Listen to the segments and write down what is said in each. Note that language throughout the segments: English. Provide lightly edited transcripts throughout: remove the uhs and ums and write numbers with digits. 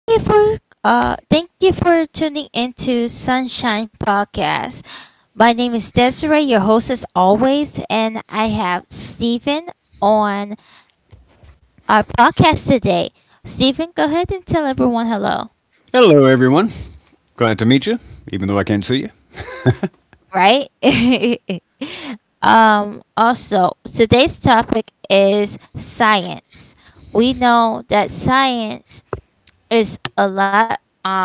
Thank you for thank you for tuning into Sunshine Podcast. My name is Desiree, your host as always, and I have Stephen on our podcast today. Stephen, go ahead and tell everyone hello, Hello, everyone. Glad to meet you, even though I can't see you. right? Also, today's topic is science. We know that science is a lot Um.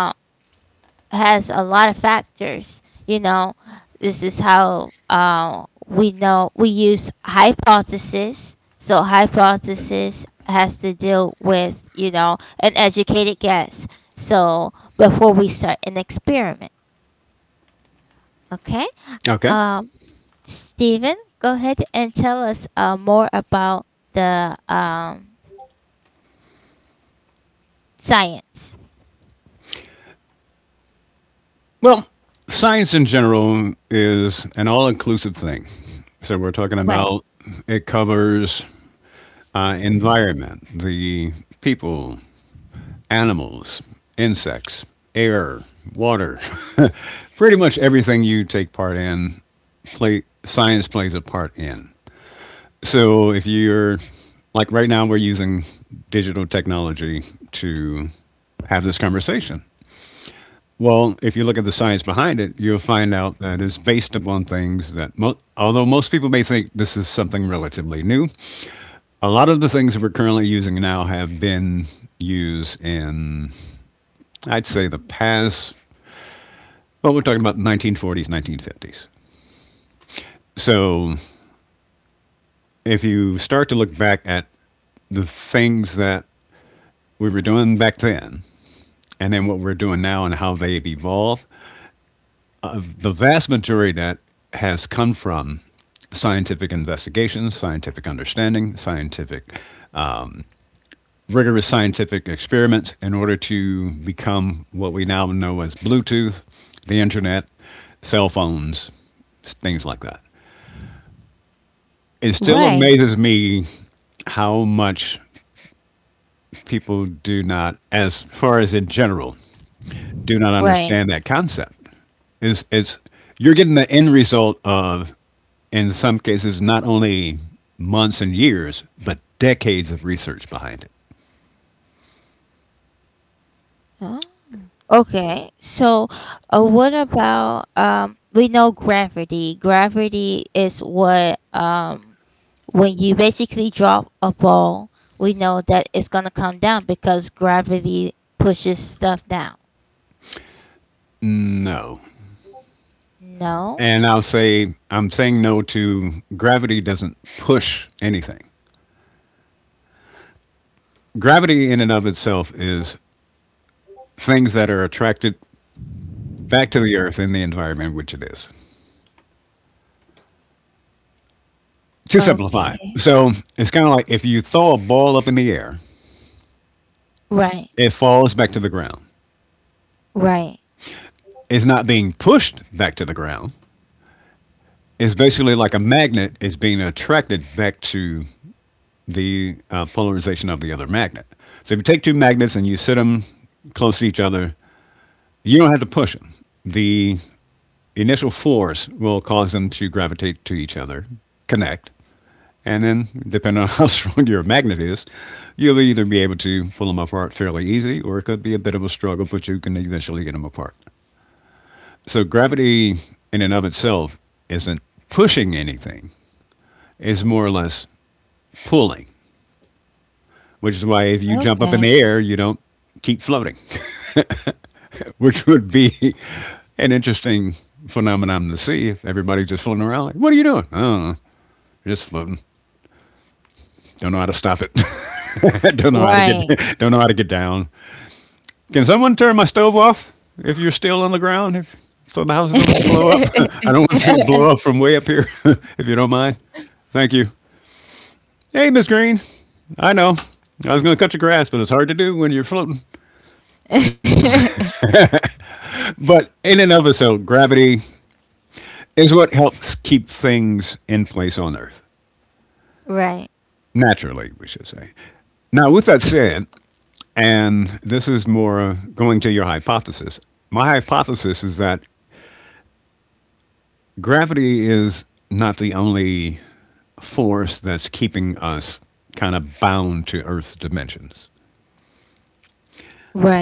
has a lot of factors. You know, this is how we know we use hypothesis. So hypothesis has to deal with an educated guess. So before we start an experiment, okay? Okay. Um, Stephen, go ahead and tell us more about the science. Well, science in general is an all inclusive thing. So we're talking Right. about it covers environment, the people, animals, insects, air, water, pretty much everything you take part in, play, science plays a part in. So if you're like right now, we're using digital technology to have this conversation. Well, if you look at the science behind it, you'll find out that it's based upon things that, although most people may think this is something relatively new, a lot of the things that we're currently using now have been used in, I'd say, the past, well, we're talking about 1940s, 1950s. So if you start to look back at the things that we were doing back then, and then what we're doing now and how they've evolved. The vast majority of that has come from scientific investigation, scientific understanding, scientific, rigorous scientific experiments in order to become what we now know as Bluetooth, the internet, cell phones, things like that. It still Right. amazes me how much people do not, as far as in general, do not Right. understand that concept. Is it's you're getting the end result of in some cases, not only months and years, but decades of research behind it. Huh? Okay, so what about? We know gravity. Gravity is what, when you basically drop a ball, we know that it's gonna come down because gravity pushes stuff down. No. No. And I'll say, I'm saying no to gravity doesn't push anything. Gravity, in and of itself, is things that are attracted back to the earth in the environment in which it is. To simplify, Okay. so it's kind of like if you throw a ball up in the air, Right. it falls back to the ground. Right. It's not being pushed back to the ground. It's basically like a magnet is being attracted back to the polarization of the other magnet. So if you take two magnets and you sit them close to each other, you don't have to push them. The initial force will cause them to gravitate to each other, connect, and then depending on how strong your magnet is, you'll either be able to pull them apart fairly easy, or it could be a bit of a struggle, but you can eventually get them apart. So gravity, in and of itself, isn't pushing anything; it's more or less pulling, which is why if you jump up in Okay. the air, you don't keep floating. Which would be an interesting phenomenon to see if everybody's just floating around. Like, what are you doing? I don't know. Just floating. Don't know how to stop it. Don't know how to get. Right. Don't know how to get down. Can someone turn my stove off? If you're still on the ground, if so, the house don't blow up. I don't want to see it blow up from way up here. If you don't mind, thank you. Hey, Miss Green. I know. I was going to cut your grass, but it's hard to do when you're floating. But in and of itself, gravity is what helps keep things in place on Earth. Right. Naturally, we should say. Now, with that said, and this is more going to your hypothesis, my hypothesis is that gravity is not the only force that's keeping us kind of bound to Earth's dimensions.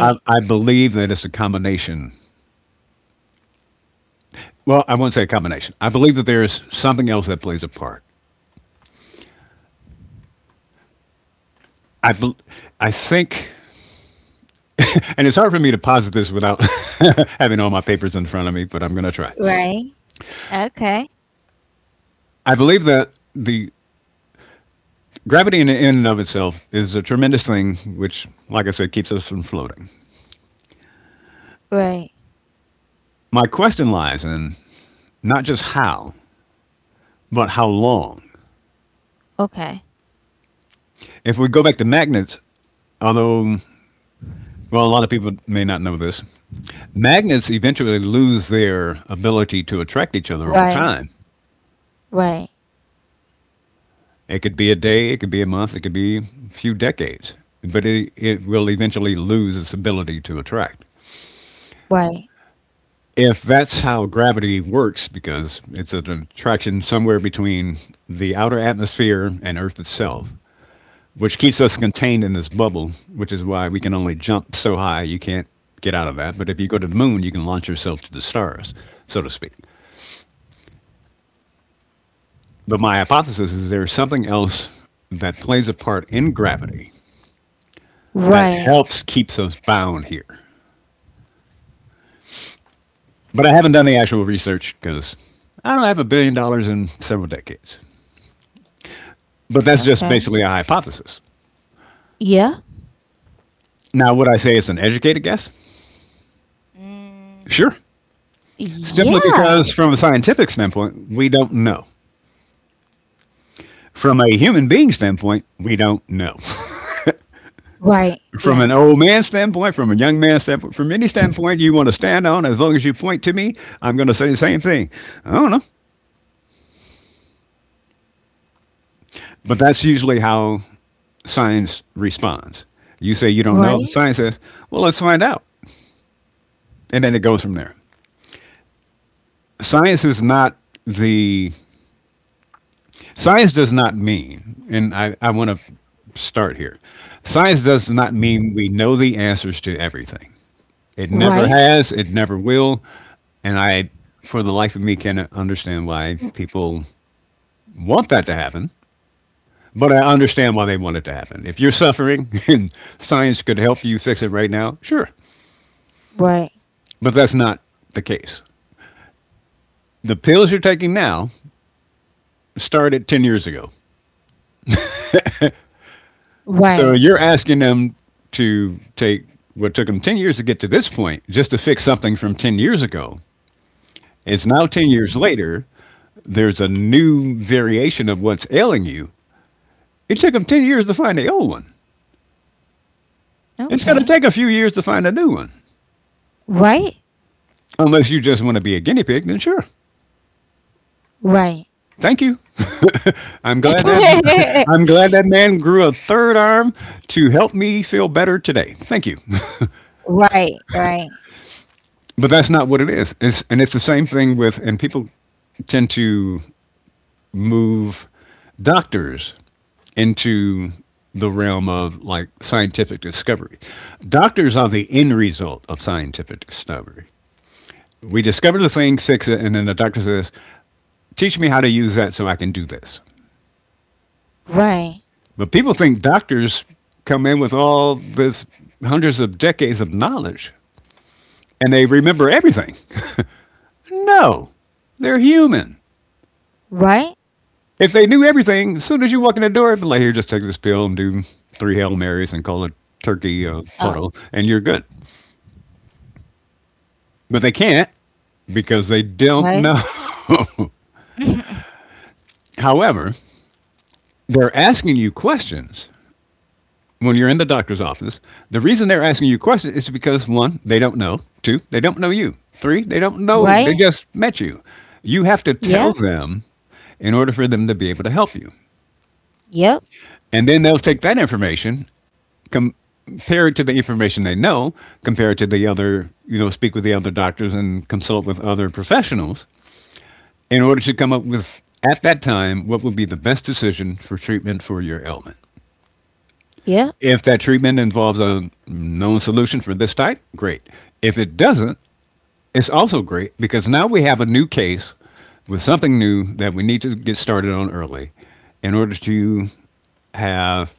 I, I believe that it's a combination. Well, I won't say a combination. I believe that there is something else that plays a part. I, bel I think, and it's hard for me to posit this without having all my papers in front of me, but I'm going to try. Right. Okay. I believe that the gravity in and of itself is a tremendous thing, which, like I said, keeps us from floating. Right. My question lies in not just how, but how long. Okay. If we go back to magnets, although, well, a lot of people may not know this, magnets eventually lose their ability to attract each other over Right. time. Right. It could be a day, it could be a month, it could be a few decades, but it will eventually lose its ability to attract. Right. If that's how gravity works, because it's an attraction somewhere between the outer atmosphere and Earth itself, which keeps us contained in this bubble, which is why we can only jump so high you can't get out of that. But if you go to the moon, you can launch yourself to the stars, so to speak. But my hypothesis is there's something else that plays a part in gravity that Right. helps keeps us bound here. But I haven't done the actual research because I don't have $1 billion in several decades. But that's just Okay. basically a hypothesis. Yeah. Now, would I say it's an educated guess? Mm, Sure. Simply yeah. because, from a scientific standpoint, we don't know. From a human being standpoint, we don't know. Right. From Yeah. an old man standpoint, from a young man standpoint, from any standpoint you want to stand on, as long as you point to me, I'm going to say the same thing. I don't know. But that's usually how science responds. You say you don't know, Right. science says, well, let's find out. And then it goes from there. Science is not the science does not mean, and I want to start here. Science does not mean we know the answers to everything. It never Right. has, it never will, and I for the life of me cannot understand why people want that to happen, but I understand why they want it to happen. If you're suffering and science could help you fix it right now, sure, Right. but that's not the case. The pills you're taking now started 10 years ago. So Right. you're asking them to take what took them 10 years to get to this point just to fix something from 10 years ago. It's now 10 years later there's a new variation of what's ailing you, it took them 10 years to find the old one. It's going to take Okay. a few years to find a new one. Right. Unless you just want to be a guinea pig, then sure. Right. Thank you. I'm glad that I'm glad that man grew a third arm to help me feel better today. Thank you. Right. Right. But that's not what it is. It's, and it's the same thing with and people tend to move doctors into the realm of like scientific discovery. Doctors are the end result of scientific discovery. We discover the thing, fix it, and then the doctor says, teach me how to use that so I can do this. Right. But people think doctors come in with all this hundreds of decades of knowledge and they remember everything. No, they're human. Right. If they knew everything, as soon as you walk in the door, it'd be like, here, just take this pill and do three Hail Marys and call it turkey Uh, puddle, and you're good. But they can't because they don't know. right. Mhm. However, they're asking you questions when you're in the doctor's office, the reason they're asking you questions is because one, they don't know. Two, they don't know you. Three, they don't know. They Right. just met you. You have to tell Yep. them in order for them to be able to help you. Yep. And then they'll take that information, compare it to the information they know, compare it to the other, you know, speak with the other doctors and consult with other professionals in order to come up with, at that time, what would be the best decision for treatment for your ailment. Yep. If that treatment involves a known solution for this type, great. If it doesn't, it's also great because now we have a new case with something new that we need to get started on early in order to have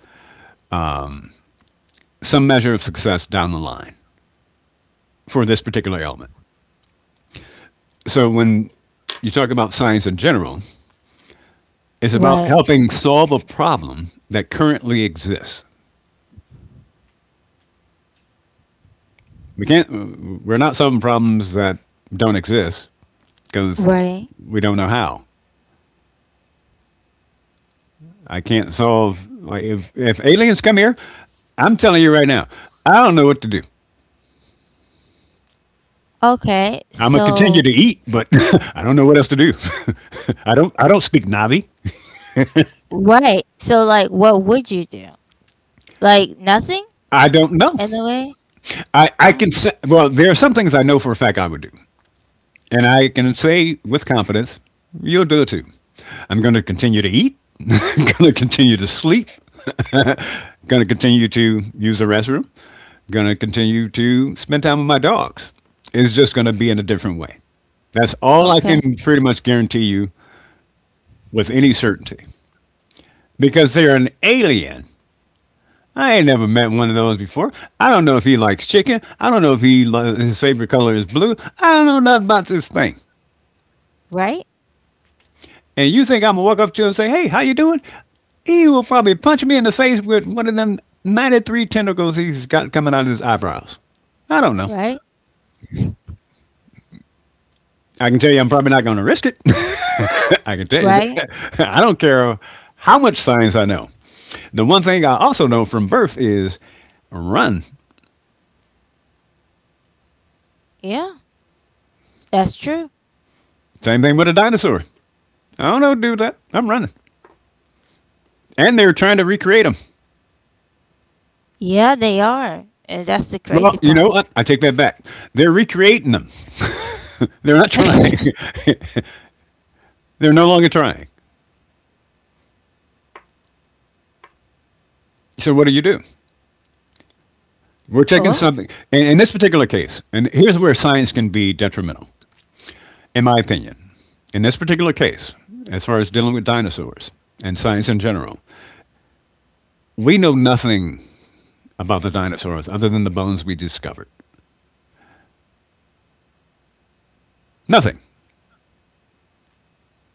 some measure of success down the line for this particular element. So when you talk about science in general, it's about Right. helping solve a problem that currently exists. We can't we're not solving problems that don't exist because Right. we don't know how. I can't solve. Like if aliens come here, I'm telling you right now, I don't know what to do. Okay. I'm gonna So continue to eat, but I don't know what else to do. I don't speak Navi. right. So, like, what would you do? Like nothing I don't know. in a way? I can Oh, say well, there are some things I know for a fact I would do, and I can say with confidence, you'll do it too. I'm going to continue to eat. Going to continue to sleep. Going to continue to use the restroom. Going to continue to spend time with my dogs. It's just going to be in a different way. That's all I okay. can pretty much guarantee you with any certainty because they're an alien. I ain't never met one of those before. I don't know if he likes chicken. I don't know if he his favorite color is blue. I don't know nothing about this thing. Right? And you think I'm gonna walk up to him and say, "Hey, how you doing?" He will probably punch me in the face with one of them 93 tentacles he's got coming out of his eyebrows. I don't know. Right? I can tell you, I'm probably not gonna risk it. I can tell you Right? that. I don't care how much science I know. The one thing I also know from birth is run. Yeah, that's true. Same thing with a dinosaur. I don't know how to do that. I'm running. And they're trying to recreate them. Yeah, they are. And that's Well, the you know crazy what? I part. take that back. They're recreating them. They're not trying. They're no longer trying. So what do you do? We're taking something. In, Oh, in this particular case, and here's where science can be detrimental, in my opinion. In this particular case, as far as dealing with dinosaurs and science in general, we know nothing about the dinosaurs other than the bones we discovered. Nothing.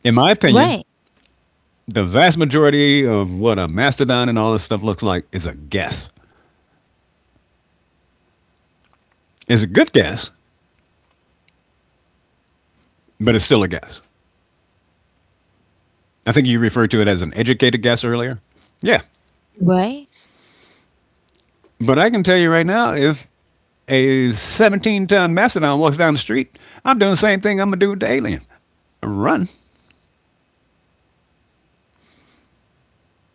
In my opinion, right. the vast majority of what a mastodon and all this stuff looks like is a guess. It's a good guess, but it's still a guess. I think you referred to it as an educated guess earlier. Yeah, Right? but I can tell you right now, if a 17-ton mastodon walks down the street, I'm doing the same thing I'm gonna do with the alien. Run.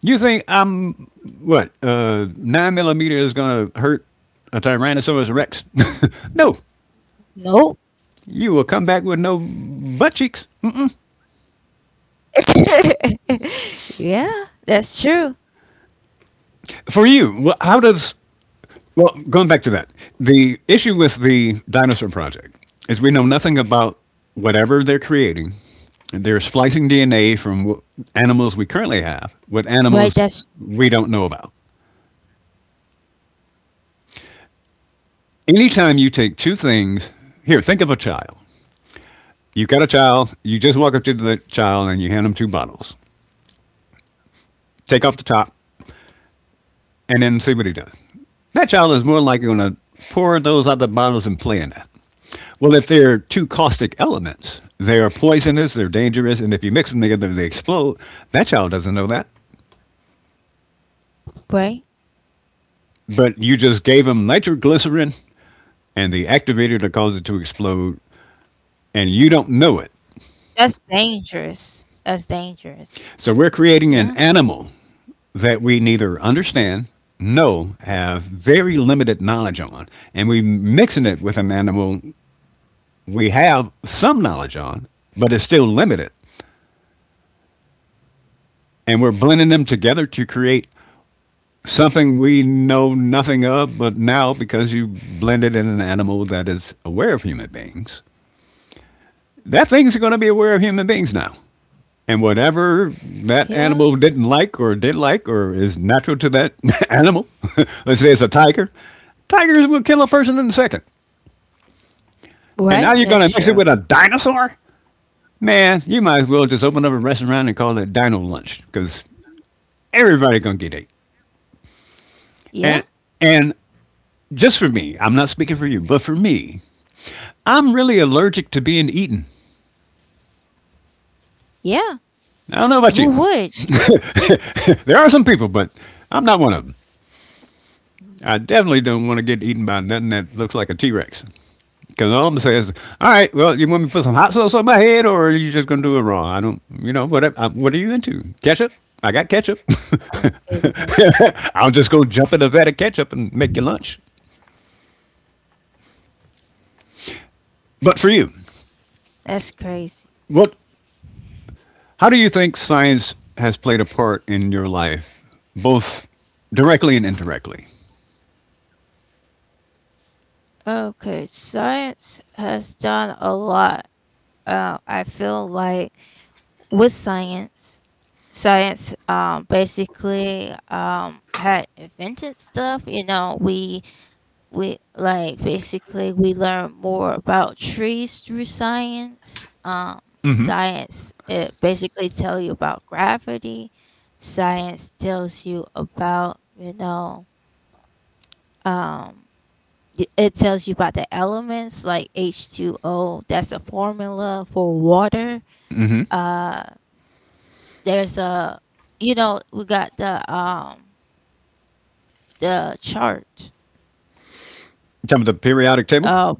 You think I'm what? Nine millimeter is gonna hurt a Tyrannosaurus Rex? No, Nope. you will come back with no butt cheeks. Yeah, that's true. For you, how does Well, going back to that, the issue with the dinosaur project is we know nothing about whatever they're creating. They're splicing DNA from Right, that's animals we currently have with animals we don't know about. Anytime you take two things, here, think of a child. You've got a child, you just walk up to the child and you hand him two bottles. Take off the top and then see what he does. That child is more likely going to pour those other bottles and play in that. Well, if they're two caustic elements, they're poisonous, they're dangerous, and if you mix them together, they explode. That child doesn't know that. right. But you just gave him nitroglycerin and the activator to cause it to explode, and you don't know it. That's dangerous. That's So dangerous. we're creating an Yeah. animal that we neither understand, know, have very limited knowledge on, and we are mixing it with an animal we have some knowledge on, but it's still limited. And we're blending them together to create something we know nothing of, but now because you blended in an animal that is aware of human beings, that thing's going to be aware of human beings now. And whatever that animal Yeah. didn't like or did like or is natural to that animal, let's say it's a tiger, tigers will kill a person in a second. And now you're going to Right, mix it that's with a true. dinosaur? Man, you might as well just open up a restaurant and call it Dino Lunch because everybody going to get it. And, Yeah. and just for me, I'm not speaking for you, but for me, I'm really allergic to being eaten. Yeah. I don't know about you. Who would? There are some people, but I'm not one of them. I definitely don't want to get eaten by nothing that looks like a T Rex. Because all I'm gonna say is, all right, well, you want me to put some hot sauce on my head, or are you just gonna do it raw? I don't, you know, what? I, what are you into? Ketchup? I got ketchup. My goodness. I'll just go jump in a vat of ketchup and make you lunch. But for you, That's crazy. what? How do you think science has played a part in your life, both directly and indirectly? Okay, science has done a lot. I feel like with science, basically had invented stuff. We like basically we learn more about trees through science. Science it basically tell you about gravity. Science tells you about um, it tells you about the elements like H2O. That's a formula for water. Uh there's a you know We got the chart. Jump at the periodic table. Oh,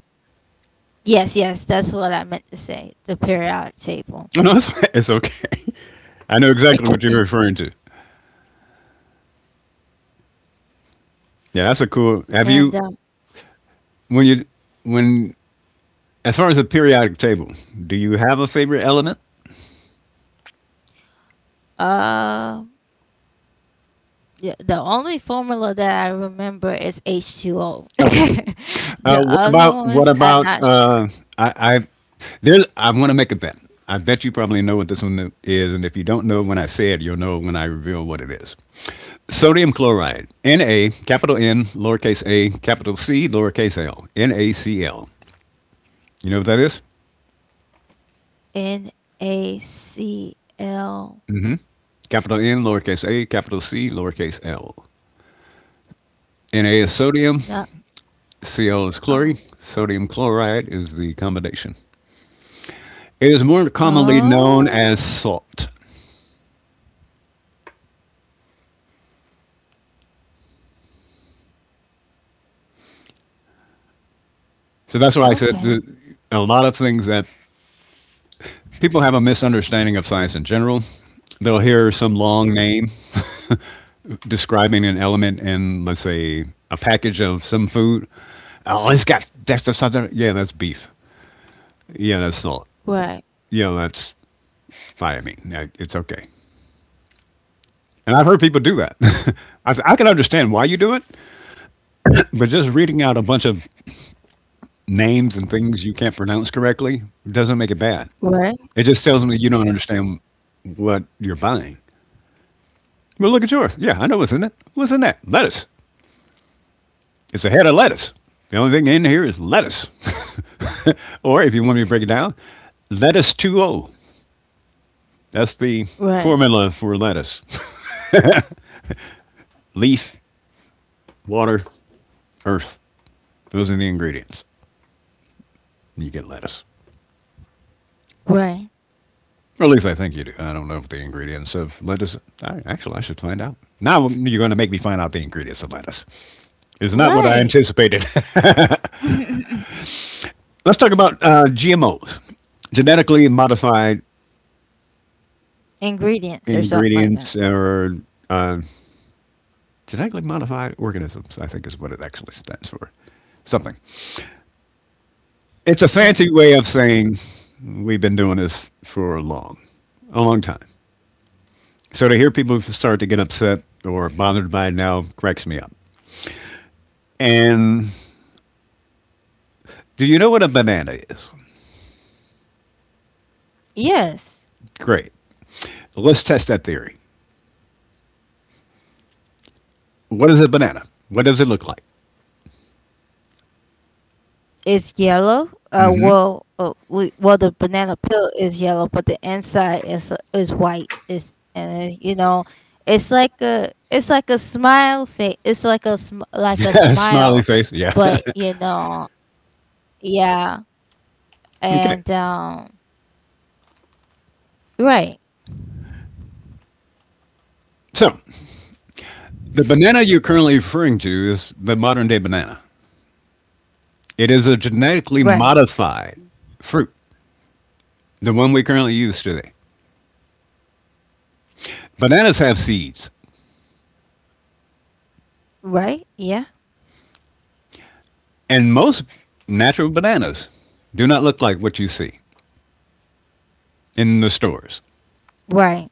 yes. Yes, that's what I meant to say, the periodic table. Oh, no, it's, it's okay. I know exactly what you're referring to. Yeah, that's a cool. Have And you when as far as the periodic table, do you have a favorite element? uh yeah, the only formula that I remember is H2O. Okay. The other What ones I'm about not sure. I, I I want to make a bet. I bet you probably know what this one is, and if you don't know when I say it, you'll know when I reveal what it is. Sodium chloride, Na, capital N, lowercase a, capital C, lowercase l, NaCl. You know what that is? NaCl. Hmm. Capital N, lowercase a, capital C, lowercase l. Na is sodium, No. Cl is chlorine, Oh. sodium chloride is the combination. It is more commonly known as Oh, salt. So that's why I said that okay. a lot of things that people have a misunderstanding of science in general. They'll hear some long name describing an element in, let's say, a package of some food. Oh, it's got that's the something. Yeah, that's beef. Yeah, that's salt. Yeah, Right. that's thiamine. Yeah, it's okay. And I've heard people do that. I can understand why you do it, but just reading out a bunch of names and things you can't pronounce correctly doesn't make it bad. It just tells Right. me you don't understand what you're buying. Well, look at yours. Yeah, I know what's in it. What's in that? Lettuce. It's a head of lettuce. The only thing in here is lettuce. Or if you want me to break it down, lettuce 2O. That's the formula for Right. lettuce. Leaf, water, earth. Those are the ingredients. You get lettuce. Or Right. at least I think you do. I don't know if the ingredients of lettuce. I, actually, I should find out. Now you're going to make me find out the ingredients of lettuce. It's not what I anticipated. Right. Let's talk about GMOs, genetically modified ingredients Ingredients or or something like that. genetically modified organisms. I think is what it actually stands for. Something. It's a fancy way Yeah. of saying we've been doing this for a long time. So to hear people start to get upset or bothered by it now cracks me up. And do you know what a banana is? Yes. Great. Let's test that theory. What is a banana? What does it look like? It's yellow. Mm-hmm. Well, well, the banana peel is yellow, but the inside is white. It's and you know, It's like a smile face. It's like a Smiley smile, face. Yeah. but yeah. Okay. And, right, So the banana you're currently referring to is the modern day banana. It is a genetically right, modified fruit, the one we currently use today. Bananas have seeds, right. Yeah, and most natural bananas do not look like what you see in the stores. right,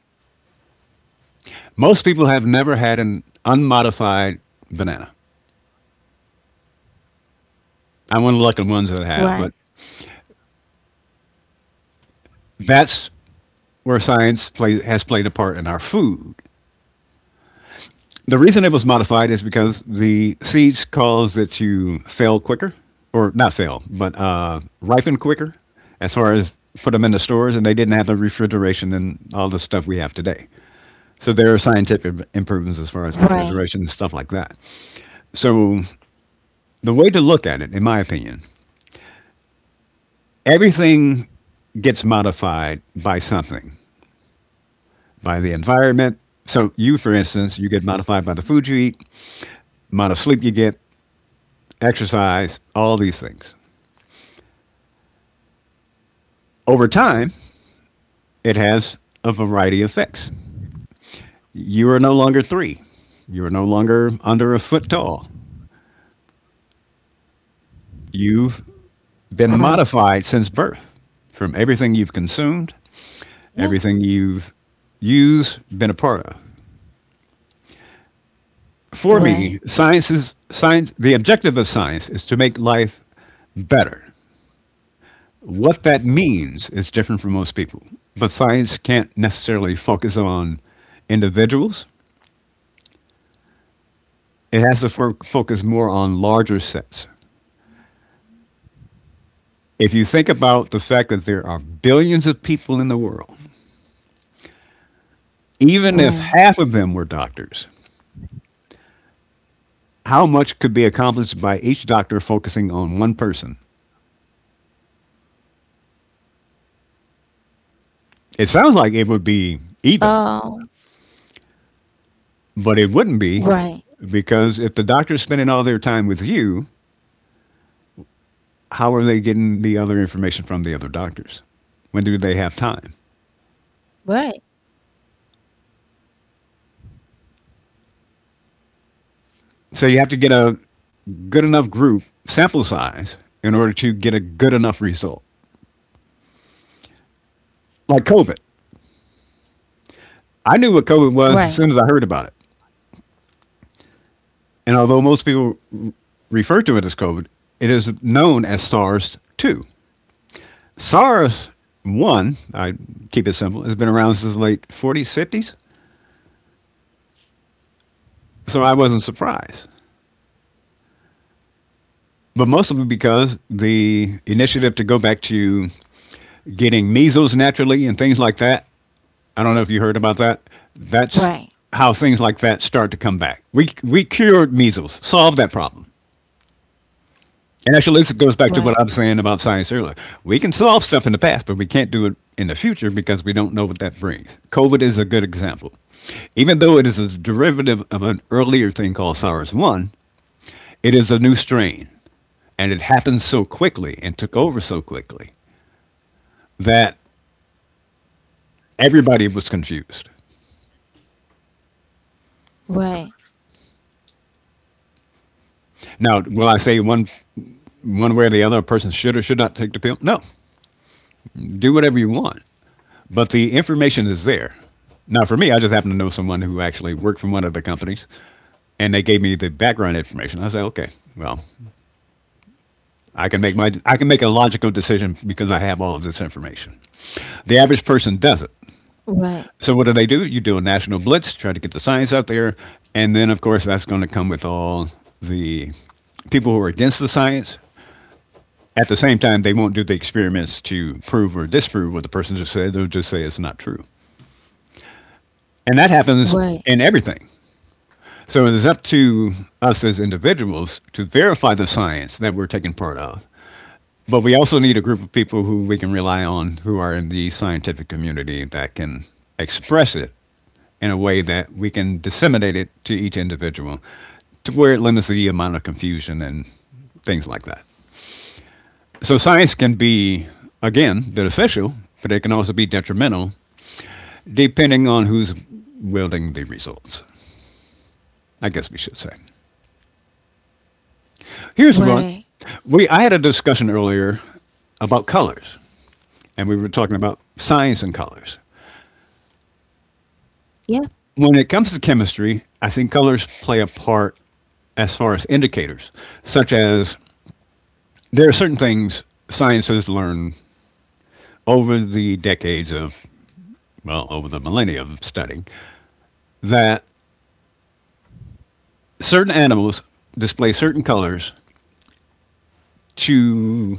Most people have never had an unmodified banana. I'm one of the lucky ones that have, right, but that's where science play, has played a part in our food. The reason it was modified is because the seeds cause that you fail quicker, or not fail, but ripen quicker as far as put them in the stores, and they didn't have the refrigeration and all the stuff we have today. So there are scientific improvements as far as right, refrigeration and stuff like that. So the way to look at it, in my opinion, everything gets modified by something, by the environment. So you, for instance, you get modified by the food you eat. Amount of sleep you get, exercise, all these things. Over time, it has a variety of effects. You are no longer three. You are no longer under a foot tall. You've been right. modified since birth from everything you've consumed, Yeah, everything you've used, been a part of. For me, right, science is science. The objective of science is to make life better. What that means is different for most people, but science can't necessarily focus on individuals. It has to focus more on larger sets. If you think about the fact that there are billions of people in the world, even if half of right. them were doctors, how much could be accomplished by each doctor focusing on one person? It sounds like it would be even, Um. but it wouldn't be Right, because if the doctor's spending all their time with you, how are they getting the other information from the other doctors? When do they have time? right, So you have to get a good enough group sample size in order to get a good enough result. Like COVID, I knew what COVID was as soon as right, I heard about it. And although most people refer to it as COVID, it is known as SARS 2. SARS 1, I keep it simple, has been around since the late 40s, 50s. So I wasn't surprised. But mostly because the initiative to go back to getting measles naturally and things like that, I don't know if you heard about that, that's right, how things like that start to come back. We cured measles, solved that problem. And actually, this goes back to what I'm right, saying about science earlier. We can solve stuff in the past, but we can't do it in the future because we don't know what that brings. COVID is a good example. Even though it is a derivative of an earlier thing called SARS 1, it is a new strain. And it happened so quickly and took over so quickly that everybody was confused. right, Now, will I say one way or the other a person should or should not take the pill? No. Do whatever you want. But the information is there. Now, for me, I just happen to know someone who actually worked for one of the companies and they gave me the background information. I said, okay, well, I can make a logical decision because I have all of this information. The average person doesn't. right, So what do they do? You do a national blitz, try to get the science out there, and then of course that's going to come with all the people who are against the science. At the same time, they won't do the experiments to prove or disprove what the person just said. They'll just say it's not true, and that happens right, in everything. So it is up to us as individuals to verify the science that we're taking part of. But we also need a group of people who we can rely on who are in the scientific community that can express it in a way that we can disseminate it to each individual to where it limits the amount of confusion and things like that. So science can be, again, beneficial, but it can also be detrimental depending on who's wielding the results. I guess we should say. Here's one. right. We I had a discussion earlier about colors, and we were talking about science and colors. Yeah, When it comes to chemistry, I think colors play a part as far as indicators, such as there are certain things science has learned over the decades of, well, over the millennia of studying, that certain animals display certain colors to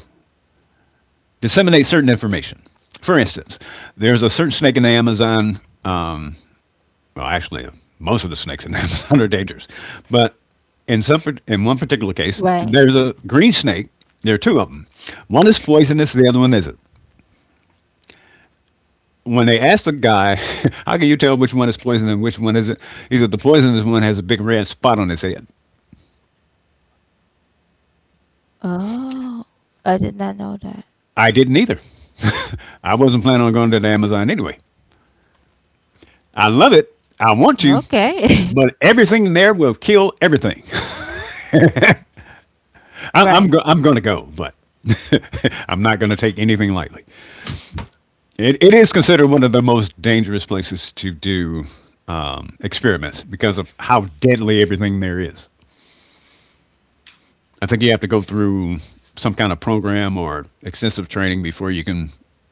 disseminate certain information. For instance, there's a certain snake in the Amazon. Well, actually, most of the snakes in Amazon are dangerous. But in some, in one particular case, right. there's a green snake. There are two of them. One is poisonous. The other one isn't. When they asked the guy, "How can you tell which one is poisonous and which one isn't?" He said, "The poisonous one has a big red spot on his head." Oh, I did not know that. I didn't either. I wasn't planning on going to the Amazon anyway. I love it. I want to, Okay. but everything there will kill everything. Right, I'm going to go, but I'm not going to take anything lightly. It is considered one of the most dangerous places to do experiments because of how deadly everything there is. I think you have to go through some kind of program or extensive training before you can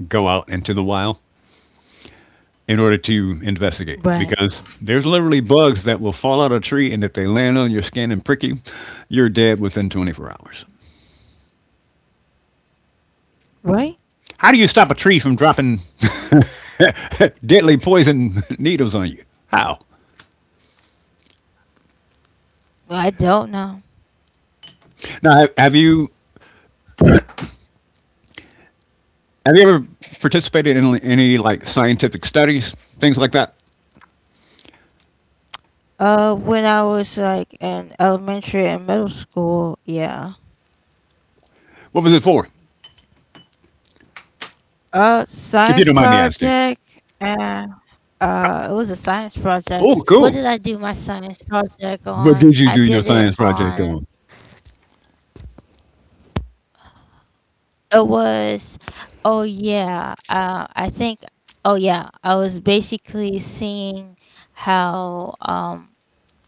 go out into the wild in order to right, investigate because there's literally bugs that will fall out of a tree and if they land on your skin and prick you, you're dead within 24 hours. right. How do you stop a tree from dropping deadly poison needles on you? How? No, I don't know. Now, have you. Have you ever participated in any like scientific studies, things like that? When I was like in elementary and middle school, yeah. What was it for? If you Science don't mind me asking. project. And it was a science Oh, project. What cool. did I do my science project What on? did you I do your did it science project on. on? It was. Oh yeah, I think. Oh, yeah, I was basically seeing how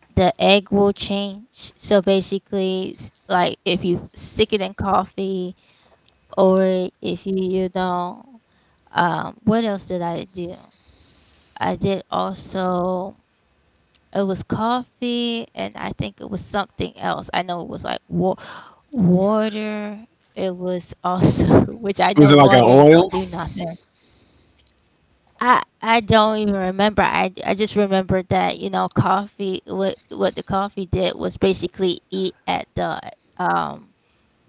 the egg will change. So basically, like if you stick it in coffee, or if you you know What else did I do? I did also. It was coffee, and I think it was something else. I know it was like wa water. It was also which I Was know it like an water ain't oil? gonna do nothing. I don't even remember. I just remember that, coffee. What the coffee did was basically eat at um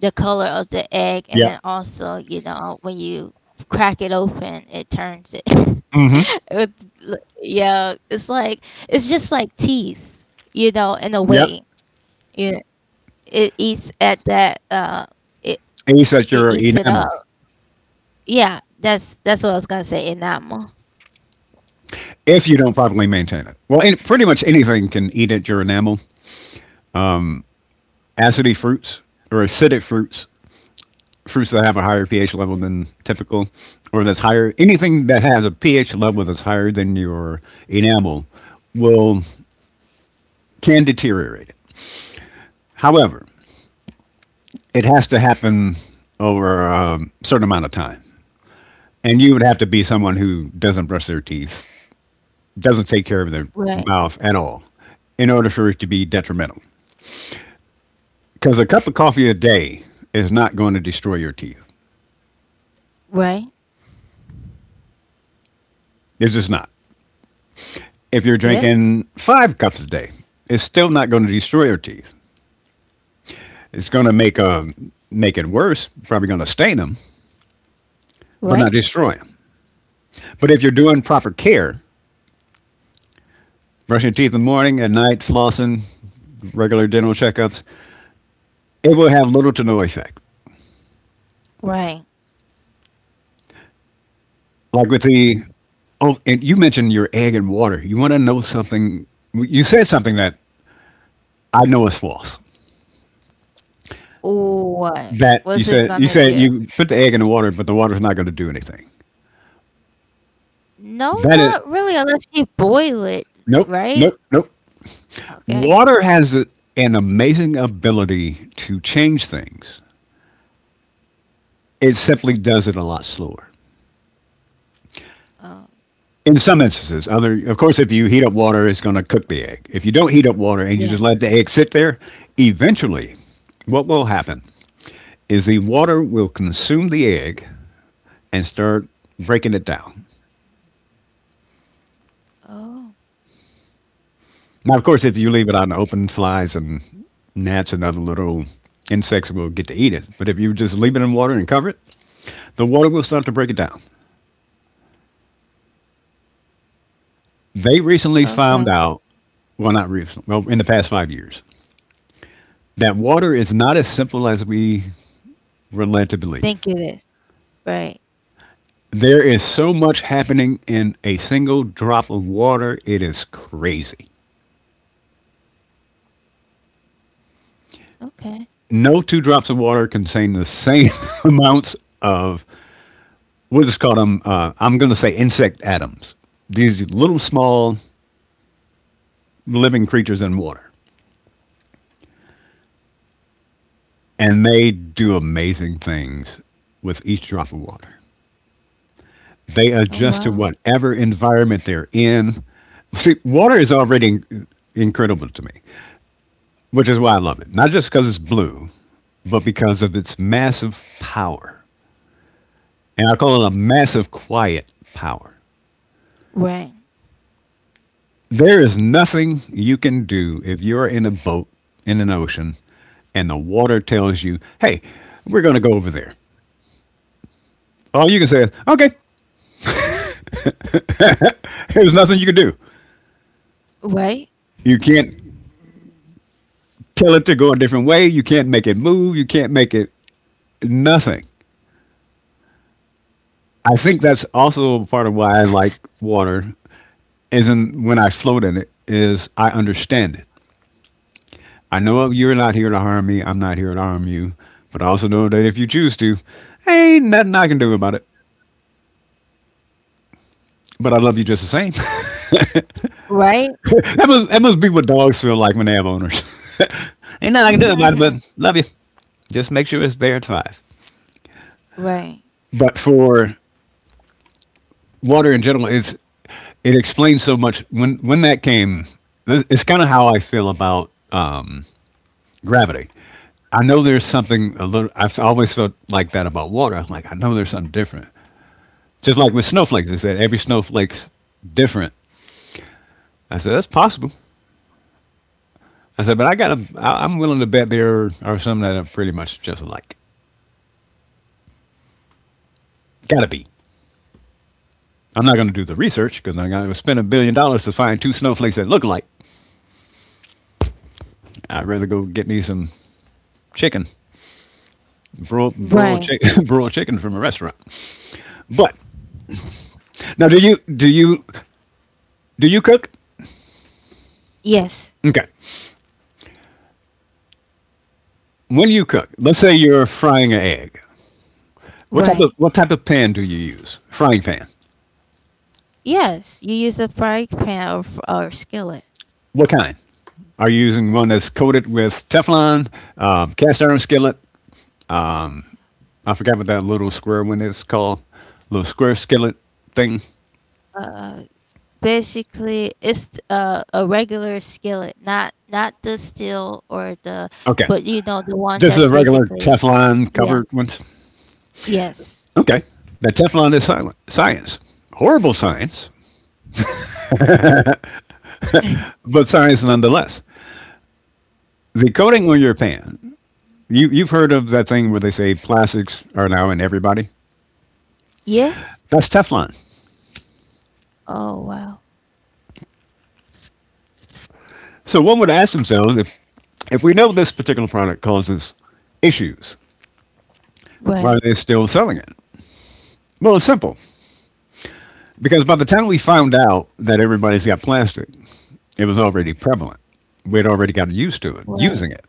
the color of the egg, and Yep. then also, when you crack it open, it turns it. Mm-hmm. Yeah, it's like it's just like teeth, in a Yep. way. You It eats at that, it Eats at it your eats it up. enamel Yeah, that's what I was gonna say, enamel. if you don't properly maintain it. Well, any, pretty much anything can eat at your enamel. Acidy fruits or acidic fruits, fruits that have a higher pH level than typical, or that's higher. Anything that has a pH level that's higher than your enamel will, can deteriorate it. However, it has to happen over a certain amount of time. And you would have to be someone who doesn't brush their teeth, doesn't take care of their Right, mouth at all, in order for it to be detrimental. Because a cup of coffee a day is not going to destroy your teeth. right, It's just not. If you're yeah, drinking five cups a day, it's still not going to destroy your teeth. It's going to make it worse. Probably going to stain them, but not right, destroy them. But if you're doing proper care, brushing your teeth in the morning, at night, flossing, regular dental checkups, it will have little to no effect. right. Like with the, oh, and you mentioned your egg and water. You want to know something. You said something that I know is false. What was it You gonna said do? you put the egg in the water, but the water's not going to do anything. No, That is, not really, unless you boil it, nope, right? nope, nope. Okay. Water has an amazing ability to change things. It simply does it a lot slower. Oh, In some instances, other of course, if you heat up water, it's going to cook the egg. If you don't heat up water and yeah. you just let the egg sit there, eventually, what will happen is the water will consume the egg and start breaking it down. Oh, Now, of course, if you leave it out in the open, flies and gnats and other little insects will get to eat it. But if you just leave it in water and cover it, the water will start to break it down. They recently okay. found out, well, not recently, well, in the past 5 years, that water is not as simple as we were led to believe. Think it is. Right. There is so much happening in a single drop of water, it is crazy. Okay. No two drops of water contain the same amounts of, we'll just call them I'm going to say insect atoms. These little small living creatures in water, and they do amazing things with each drop of water. They Oh, adjust to wow. whatever environment they're in. See, water is already incredible to me, which is why I love it. Not just because it's blue, but because of its massive power. And I call it a massive quiet power. Right. There is nothing you can do if you're in a boat in an ocean and the water tells you, hey, we're going to go over there. All you can say is, okay, there's nothing you can do. Right. You can't tell it to go a different way. You can't make it move. You can't make it, nothing. I think that's also part of why I like water, is in, when I float in it, is I understand it. I know you're not here to harm me. I'm not here to harm you. But I also know that if you choose to, ain't nothing I can do about it. But I love you just the same. Right. That must be what dogs feel like when they have owners. Ain't nothing I can do about it, but love you. Just make sure it's there at five. Right. But for water in general, it's, it explains so much. When that came, it's kind of how I feel about gravity. I know there's something a little. I've always felt like that about water. I'm like, I know there's something different. Just like with snowflakes, they said every snowflake's different. I said that's possible. I said, but I gotta. I'm willing to bet there are some that are pretty much just alike. Gotta be. I'm not gonna do the research because I'm gonna spend $1 billion to find two snowflakes that look alike. I'd rather go get me some chicken, Right. broiled chicken from a restaurant. But now, do you cook? Yes. Okay. When you cook, let's say you're frying an egg. Right. What type of pan do you use? Frying pan. Yes. You use a frying pan, or or skillet. What kind? Are you using one that's coated with Teflon, cast iron skillet? I forgot what that little square one is called. Little square skillet thing. Uh, basically, it's a regular skillet, not the steel or the, Okay. but you know the Just one a that's regular basically, Teflon covered yeah. ones. Yes. Okay. The Teflon is silent science. Horrible science, but science nonetheless. The coating on your pan, you've heard of that thing where they say plastics are now in everybody? Yes. That's Teflon. Oh, wow. So one would ask themselves if we know this particular product causes issues, why are they Right. still selling it? Well, it's simple. Because by the time we found out that everybody's got plastic, it was already prevalent. We'd already gotten used to it, Right. using it.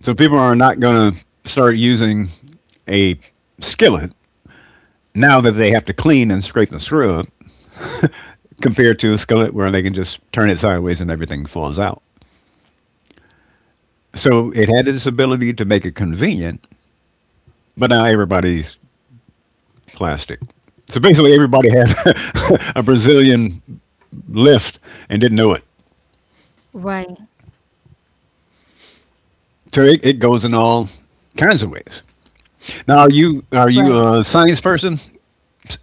So people are not going to start using a skillet now that they have to clean and scrape and screw up compared to a skillet where they can just turn it sideways and everything falls out. So it had its ability to make it convenient, but now everybody's plastic. So basically, everybody had a Brazilian lift and didn't know it. Right. So it goes in all kinds of ways. Now, are you are Right. you a science person?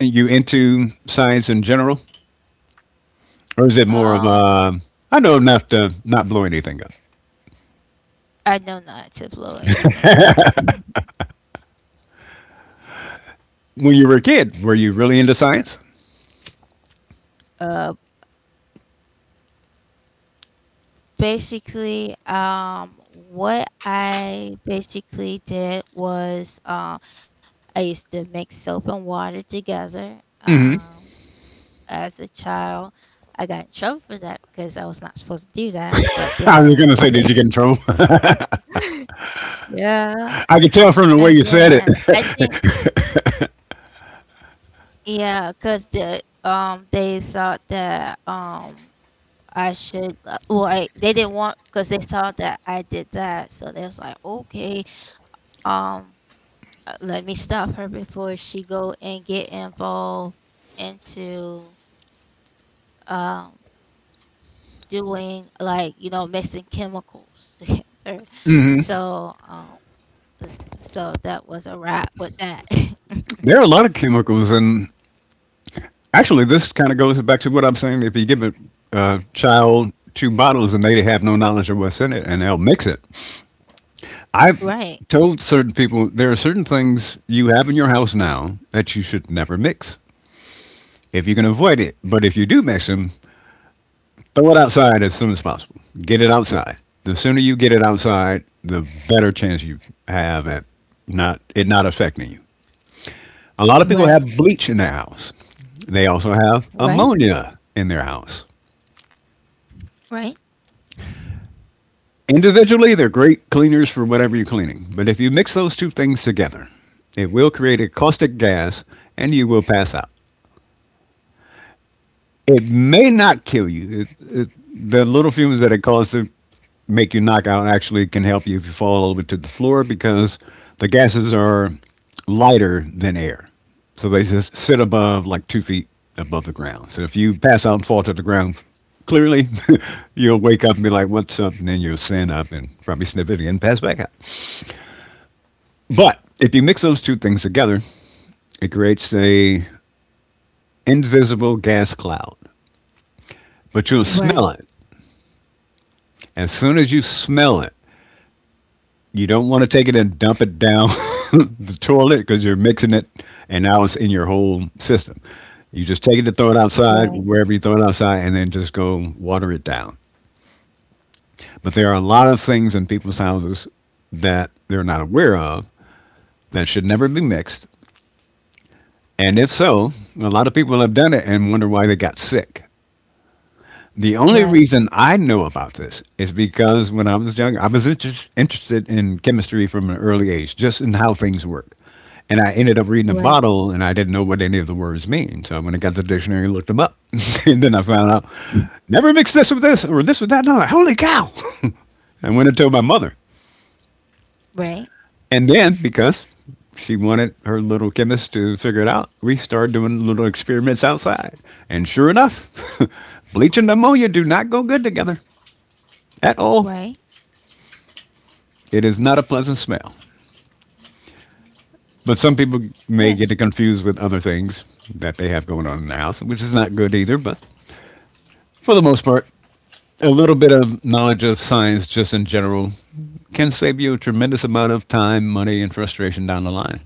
Are you into science in general, or is it more of Um, a. I know enough to not blow anything up. I know not to blow anything up. When you were a kid, were you really into science? Uh, basically, what I basically did was, I used to mix soap and water together. As a child, I got in trouble for that because I was not supposed to do that. I But was going to say, then, did you get in trouble? yeah, I could tell from the and way you said then it. I think, yeah, because the they thought that. I should Well, I they didn't want because they saw that I did that, so they was like, "Okay, um, let me stop her before she go and get involved into, um, doing, like, mixing chemicals together." So, uh, so that was a wrap with that. There are a lot of chemicals. And actually, this kind of goes back to what I'm saying. If you give a child two bottles and they have no knowledge of what's in it, and they'll mix it, I've told Right. certain people there are certain things you have in your house now that you should never mix if you can avoid it. But if you do mix them, throw it outside as soon as possible. Get it outside. The sooner you get it outside, the better chance you have at not affecting you. A lot of people have Right. bleach in their house. They also have Right. ammonia in their house. Right. Individually, they're great cleaners for whatever you're cleaning. But if you mix those two things together, it will create a caustic gas and you will pass out. It may not kill you. The little fumes that it causes to make you knock out actually can help you if you fall over to the floor because the gases are lighter than air. So they just sit above like 2 feet above the ground. So if you pass out and fall to the ground, clearly, you'll wake up and be like, what's up? And then you'll stand up and probably sniff it again and pass back out. But if you mix those two things together, it creates a invisible gas cloud. But you'll smell it. Right. As soon as you smell it, you don't want to take it and dump it down the toilet because you're mixing it and now it's in your whole system. You just take it and throw it outside, wherever you Right. throw it outside, and then just go water it down. But there are a lot of things in people's houses that they're not aware of that should never be mixed. And if so, a lot of people have done it and wonder why they got sick. The only reason I Right. know about this is because when I was young, I was interested in chemistry from an early age, just in how things work. And I ended up reading a bottle, and I Right. didn't know what any of the words mean. So I went and got the dictionary and looked them up, and then I found out never mix this with this or this with that. No, holy cow! I went and told my mother, and Right. then because she wanted her little chemist to figure it out, we started doing little experiments outside, and sure enough, bleach and ammonia do not go good together at all. Right. It is not a pleasant smell, but some people may get it confused Yeah. with other things that they have going on in the house, which is not good either. But for the most part, a little bit of knowledge of science just in general can save you a tremendous amount of time, money, and frustration down the line.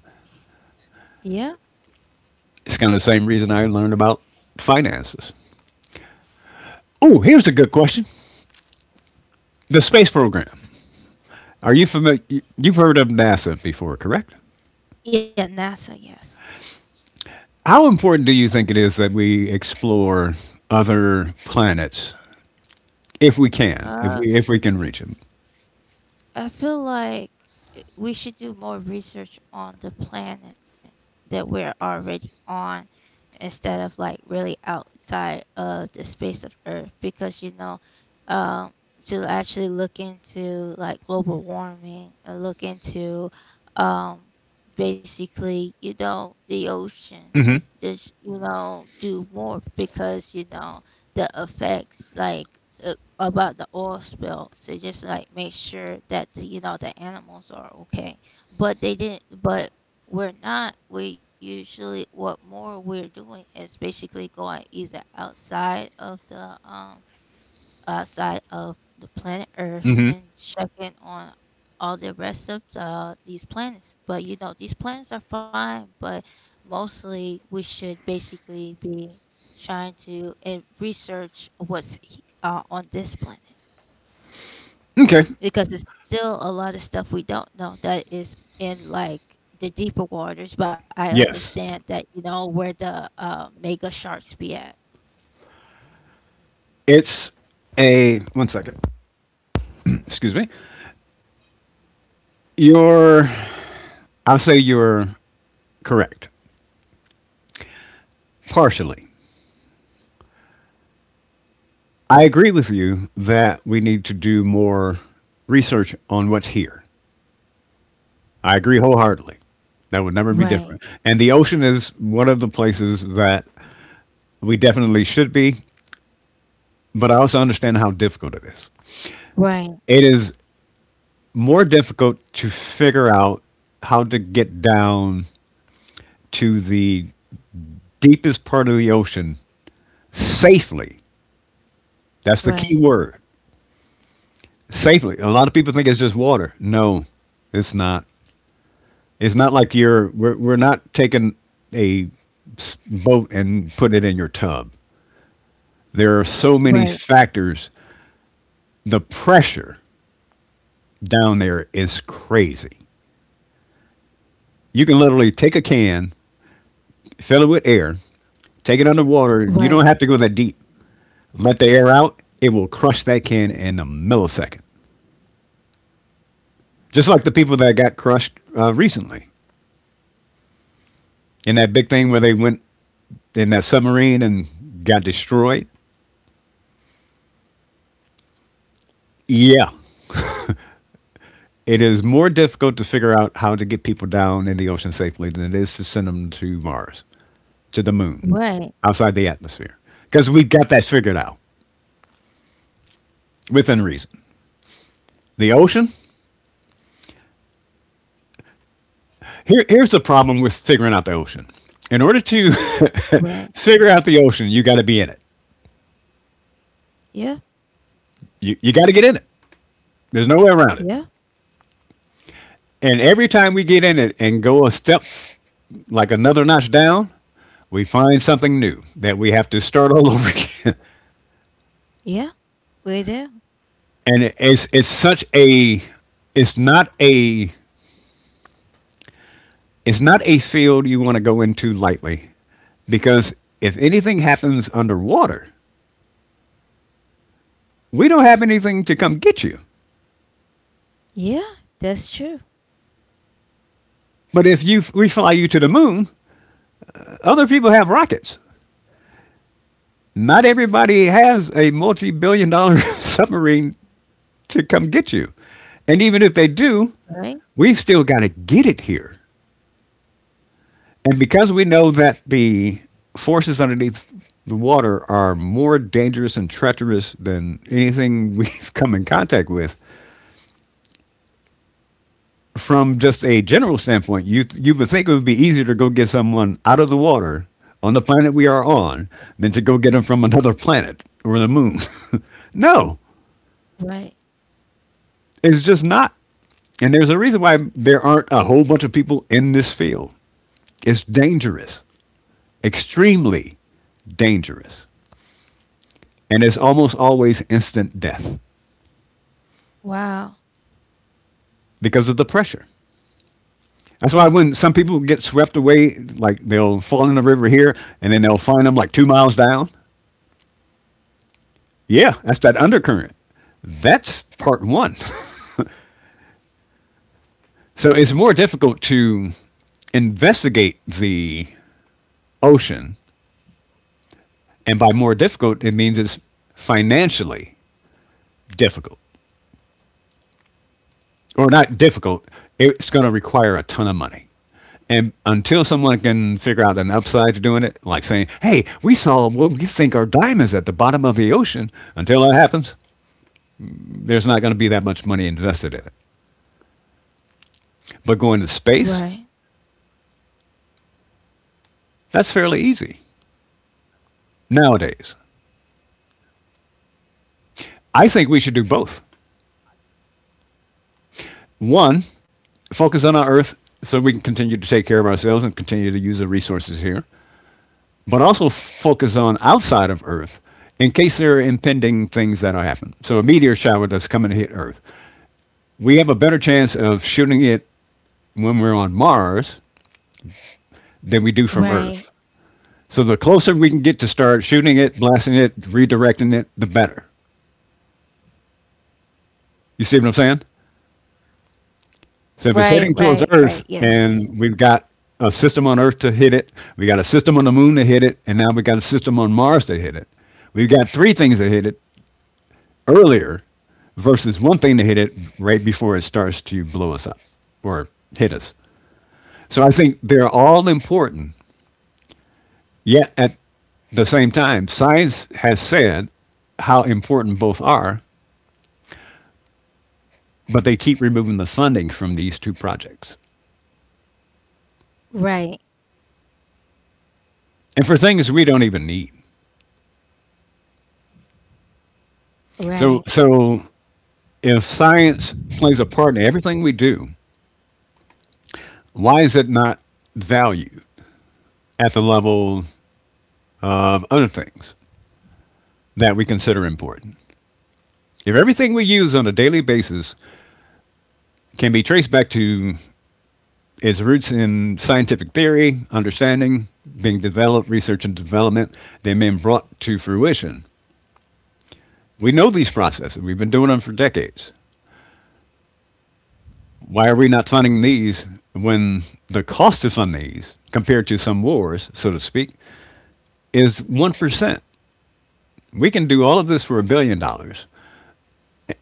Yeah. It's kind of the same reason I learned about finances. Oh, here's a good question. The space program. Are you familiar? You've heard of NASA before, correct? Yeah, NASA, yes. How important do you think it is that we explore other planets if we can, if we can reach Uh, him. I feel like we should do more research on the planet that we're already on, instead of like really outside of the space of Earth because, um, to actually look into like global warming and look into, um, basically, the Mm-hmm. ocean. Just, do more because, the effects like, uh, about the oil spill, to just like make sure that the, the animals are okay, but they didn't, but we're not, we usually, what more we're doing is basically going either outside of the Mm-hmm. planet Earth and checking on all the rest of these planets. But you know, these planets are fine, but mostly we should basically be trying to, research on this planet Okay. because it's still a lot of stuff we don't know that is in like the deeper waters. Yes. But I understand that you know where the mega sharks be at. It's a 1 second. Excuse me. You're, I'll say you're correct. Partially. I agree with you that we need to do more research on what's here. I agree wholeheartedly. That would never be different. And the ocean Right, is one of the places that we definitely should be, but I also understand how difficult it is. It is right, more difficult to figure out how to get down to the deepest part of the ocean safely. That's the key word. right, Safely. A lot of people think it's just water. No, it's not. It's not like we're not taking a boat and putting it in your tub. There are so many factors. right, The pressure down there is crazy. You can literally take a can, fill it with air, take it underwater. You don't have to go that deep. right, Let the air out, it will crush that can in a millisecond. Just like the people that got crushed recently in that big thing where they went in that submarine and got destroyed. Yeah, it is more difficult to figure out how to get people down in the ocean safely than it is to send them to Mars, to the moon, outside the right. atmosphere. Because we've got that figured out within reason. The ocean, here's the problem with figuring out the ocean. In order to figure out Right. the ocean, you got to be in it. Yeah, You got to get in it. There's no way around it. yeah, And every time we get in it and go a step, like another notch down, we find something new that we have to start all over again. yeah. We do. And it's such a it's not a it's not a field you want to go into lightly, because if anything happens underwater, we don't have anything to come get you. Yeah, that's true. But if you we fly you to the moon, other people have rockets. Not everybody has a multi-multi-billion dollar submarine to come get you. And even if they do, we've still got to Right, get it here. And because we know that the forces underneath the water are more dangerous and treacherous than anything we've come in contact with, from just a general standpoint, you would think it would be easier to go get someone out of the water on the planet we are on than to go get them from another planet or the moon. No, right. it's just not. And there's a reason why there aren't a whole bunch of people in this field. It's dangerous, extremely dangerous. And it's almost always instant death Wow. because of the pressure. That's why when some people get swept away, like they'll fall in the river here and then they'll find them like 2 miles down. Yeah, that's that undercurrent. That's part one. So it's more difficult to investigate the ocean. And by more difficult, it means it's financially difficult. Or not difficult, it's going to require a ton of money. And until someone can figure out an upside to doing it, like saying, "Hey, we saw what we think are diamonds at the bottom of the ocean," until that happens, there's not going to be that much money invested in it. But going to space, Right, that's fairly easy nowadays. I think we should do both. One, focus on our Earth so we can continue to take care of ourselves and continue to use the resources here, but also focus on outside of Earth in case there are impending things that will happen. So a meteor shower that's coming to hit Earth, we have a better chance of shooting it when we're on Mars than we do from Earth. right, So the closer we can get to start shooting it, blasting it, redirecting it, the better. You see what I'm saying? So if it's right, heading towards right, Earth right. Yes. and we've got a system on Earth to hit it, we got a system on the moon to hit it, and now we got a system on Mars to hit it. We've got 3 things to hit it earlier versus one thing to hit it right before it starts to blow us up or hit us. So I think they're all important. Yet at the same time, science has said how important both are, but they keep removing the funding from these 2 projects. Right, And for things we don't even need. So right, so if science plays a part in everything we do, why is it not valued at the level of other things that we consider important? If everything we use on a daily basis can be traced back to its roots in scientific theory, understanding, being developed, research and development, then being brought to fruition, we know these processes. We've been doing them for decades. Why are we not funding these when the cost to fund these, compared to some wars, so to speak, is 1%? We can do all of this for $1 billion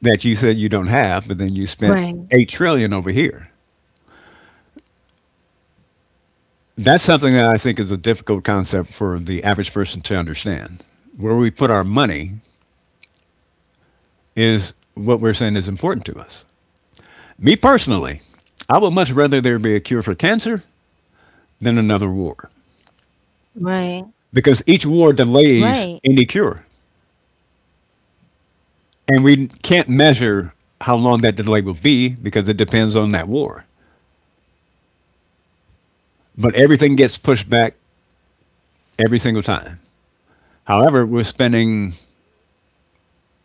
that you said you don't have, but then you spent right, 8 trillion dollars over here. That's something that I think is a difficult concept for the average person to understand. Where we put our money is what we're saying is important to us. Me personally, I would much rather there be a cure for cancer than another war, right, because each war delays right, any cure. And we can't measure how long that delay will be because it depends on that war. But everything gets pushed back every single time. However, we're spending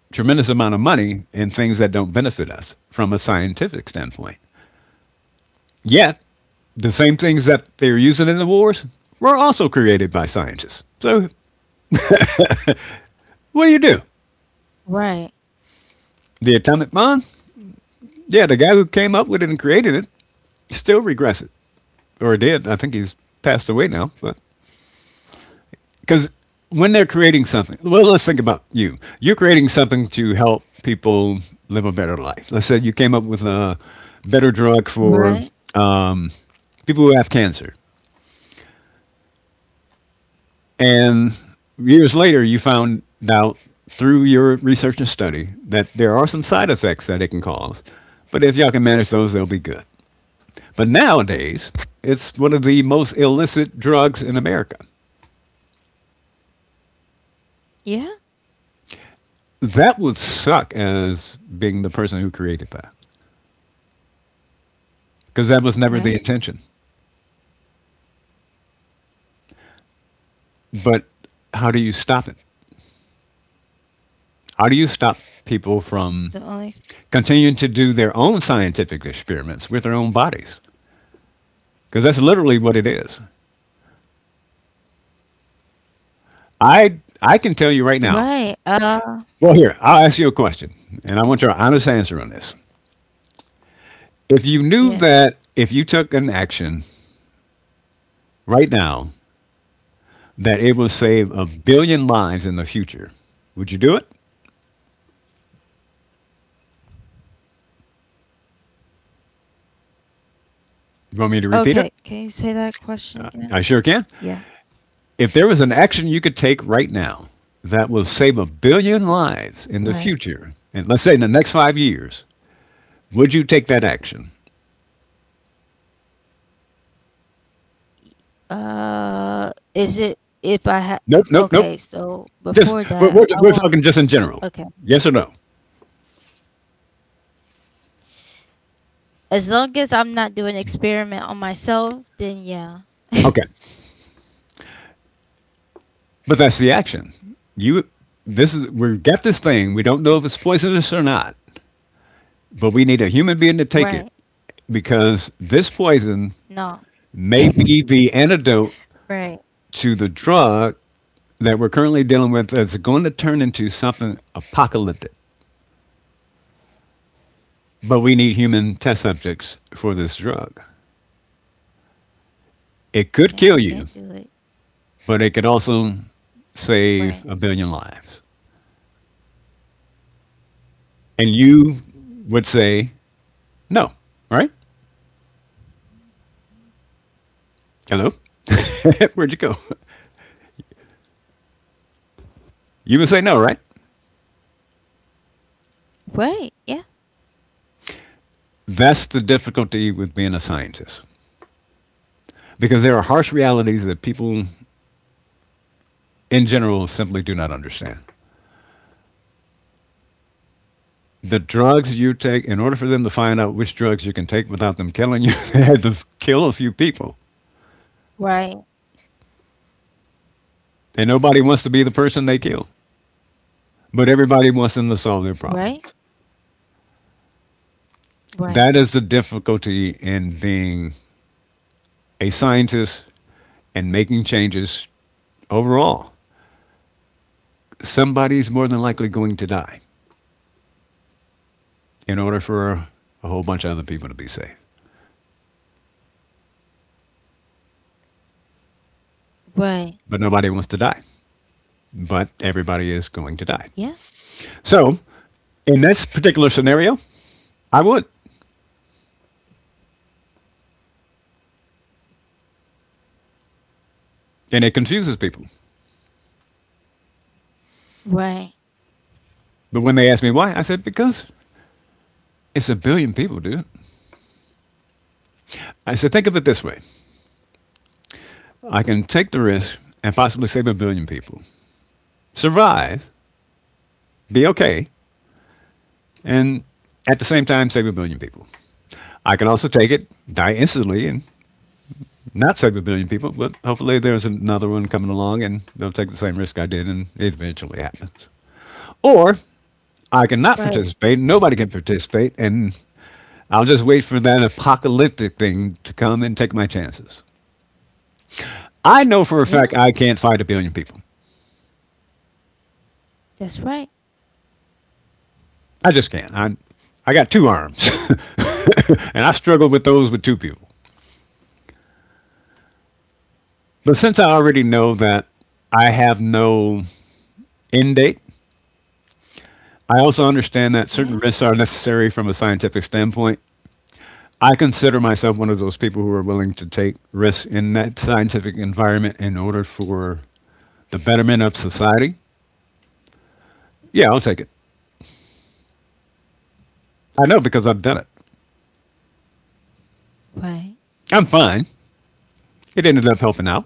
a tremendous amount of money in things that don't benefit us from a scientific standpoint. Yet, the same things that they're using in the wars were also created by scientists. So, what do you do? right, The atomic bomb? Yeah, the guy who came up with it and created it still regrets it. Or did. I think he's passed away now. But because when they're creating something, well, let's think about you. You're creating something to help people live a better life. Let's say you came up with a better drug for right. people who have cancer, and years later you found out through your research and study that there are some side effects that it can cause. But if y'all can manage those, they'll be good. But nowadays, it's one of the most illicit drugs in America. Yeah, That would suck as being the person who created that because that was never the right. intention. But how do you stop it? How do you stop people from The only. Continuing to do their own scientific experiments with their own bodies? Because that's literally what it is. I can tell you right now. Right. Well, here, I'll ask you a question, and I want Okay. your honest answer on this. If you knew Yes. that if you took an action right now that it will save a billion lives in the future, would you do it? You want me to repeat it? Okay. Can you say that question again? I sure can. Yeah. If there was an action you could take right now that will save a billion lives in the Right. future, and let's say in the next 5 years, would you take that action? Is it if I had. Nope, nope, nope. Okay, so Just before we're, that, we're, I we're want. talking just in general. Okay. Yes or no? As long as I'm not doing experiment on myself, then yeah. Okay, but that's the action. You, this is, we've got this thing. We don't know if it's poisonous or not, but we need a human being to take it Right. because this poison No. may be the antidote Right. to the drug that we're currently dealing with is going to turn into something apocalyptic. But we need human test subjects for this drug. It Yeah, could I kill can't you, do it. but it could also Right. save a billion lives. And you would say no, right? Hello? Where'd you go? You would say no, right? Right. Yeah. That's the difficulty with being a scientist because there are harsh realities that people in general simply do not understand. The drugs you take, in order for them to find out which drugs you can take without them killing you, they had to kill a few people. Right. And nobody wants to be the person they kill, but everybody wants them to solve their Right. problem. Right. That is the difficulty in being a scientist and making changes overall. Somebody's more than likely going to die in order for a whole bunch of other people to be safe. Right. But nobody wants to die, but everybody is going to die. Yeah. So, in this particular scenario, I would, and it confuses people. Right. But when they asked me why, I said, because it's a billion people, dude. I said, think of it this way. I can take the risk and possibly save a billion people, survive, be okay, and at the same time save a billion people. I can also take it, die instantly, and not save a billion people, but hopefully there's another one coming along and they'll take the same risk I did and it eventually happens. Or I can not participate, Right. nobody can participate, and I'll just wait for that apocalyptic thing to come and take my chances. I know for a fact I Yeah. can't fight a billion people. That's right. I just can't. I got two arms, and I struggled with those with two people. But since I already know that I have no end date, I also understand that certain risks are Yes. necessary from a scientific standpoint. I consider myself one of those people who are willing to take risks in that scientific environment in order for the betterment of society. Yeah, I'll take it. I know because I've done it. Right. I'm fine. It ended up helping out.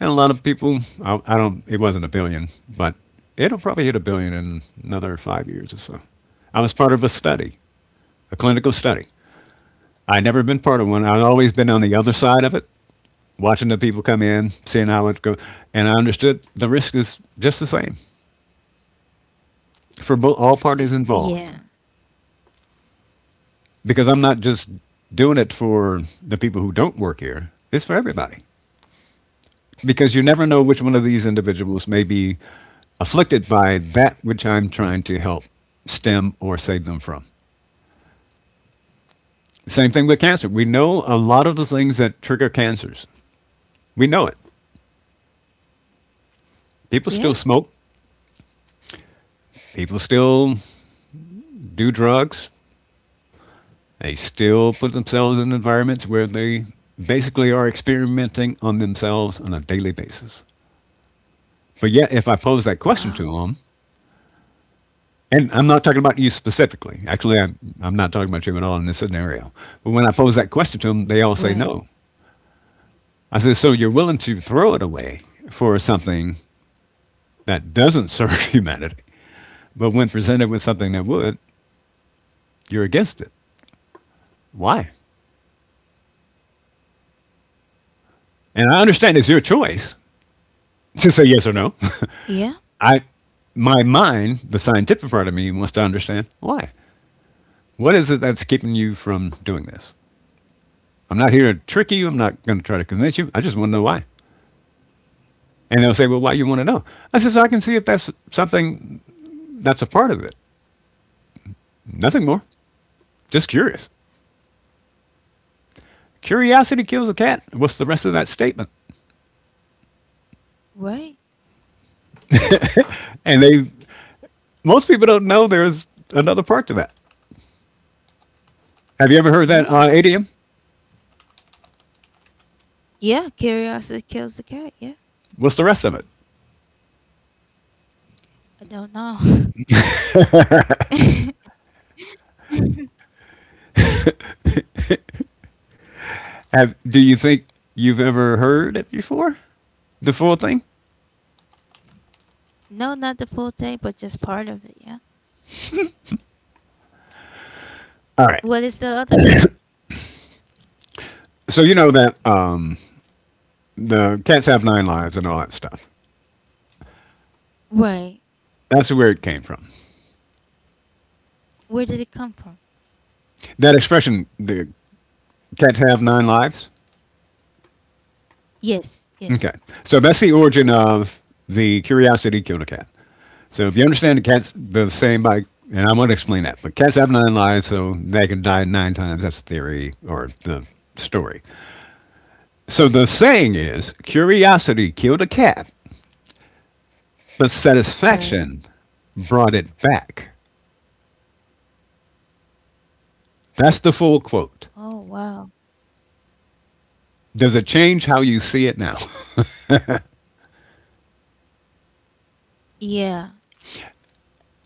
And a lot of people, I don't, it wasn't a billion, but it'll probably hit a billion in another 5 years or so. I was part of a study, a clinical study. I'd never been part of one. I'd always been on the other side of it, watching the people come in, seeing how it goes. And I understood the risk is just the same for all parties involved Yeah. because I'm not just doing it for the people who don't work here, it's for everybody. Because you never know which one of these individuals may be afflicted by that which I'm trying to help stem or save them from. Same thing with cancer. We know a lot of the things that trigger cancers. We know it. People still Yeah. smoke, people still do drugs, they still put themselves in environments where they basically are experimenting on themselves on a daily basis. But yet, if I pose that question to Wow. them, and I'm not talking about you specifically. Actually, I'm not talking about you at all in this scenario. But when I pose that question to them, they all say Right. no. I said, so you're willing to throw it away for something that doesn't serve humanity, but when presented with something that would, you're against it. Why? And I understand it's your choice to say yes or no. Yeah. I, my mind, the scientific part of me, wants to understand why. What is it that's keeping you from doing this? I'm not here to trick you. I'm not going to try to convince you. I just want to know why. And they'll say, well, why you want to know? I said, so I can see if that's something that's a part of it. Nothing more. Just curious. Curiosity kills a cat. What's the rest of that statement? Right. And they, most people don't know there's another part to that. Have you ever heard that Yeah. Idiom? Yeah. Curiosity kills the cat. Yeah. What's the rest of it? I don't know. Have, do you think you've ever heard it before? The full thing? No, not the full thing, but just part of it. Yeah. All right. What is the other part? So you know that the cats have nine lives and all that stuff. Right. That's where it came from. Where did it come from? That expression, the cats have nine lives. Yes, Okay. yes. So that's the origin of the curiosity killed a cat. So if you understand the cat's the same by, and I want to explain that, but cats have nine lives, so they can die nine times. That's the theory or the story. So the saying is, curiosity killed a cat, but Right. satisfaction brought it back. That's the full quote. Oh, wow. Does it change how you see it now? Yeah,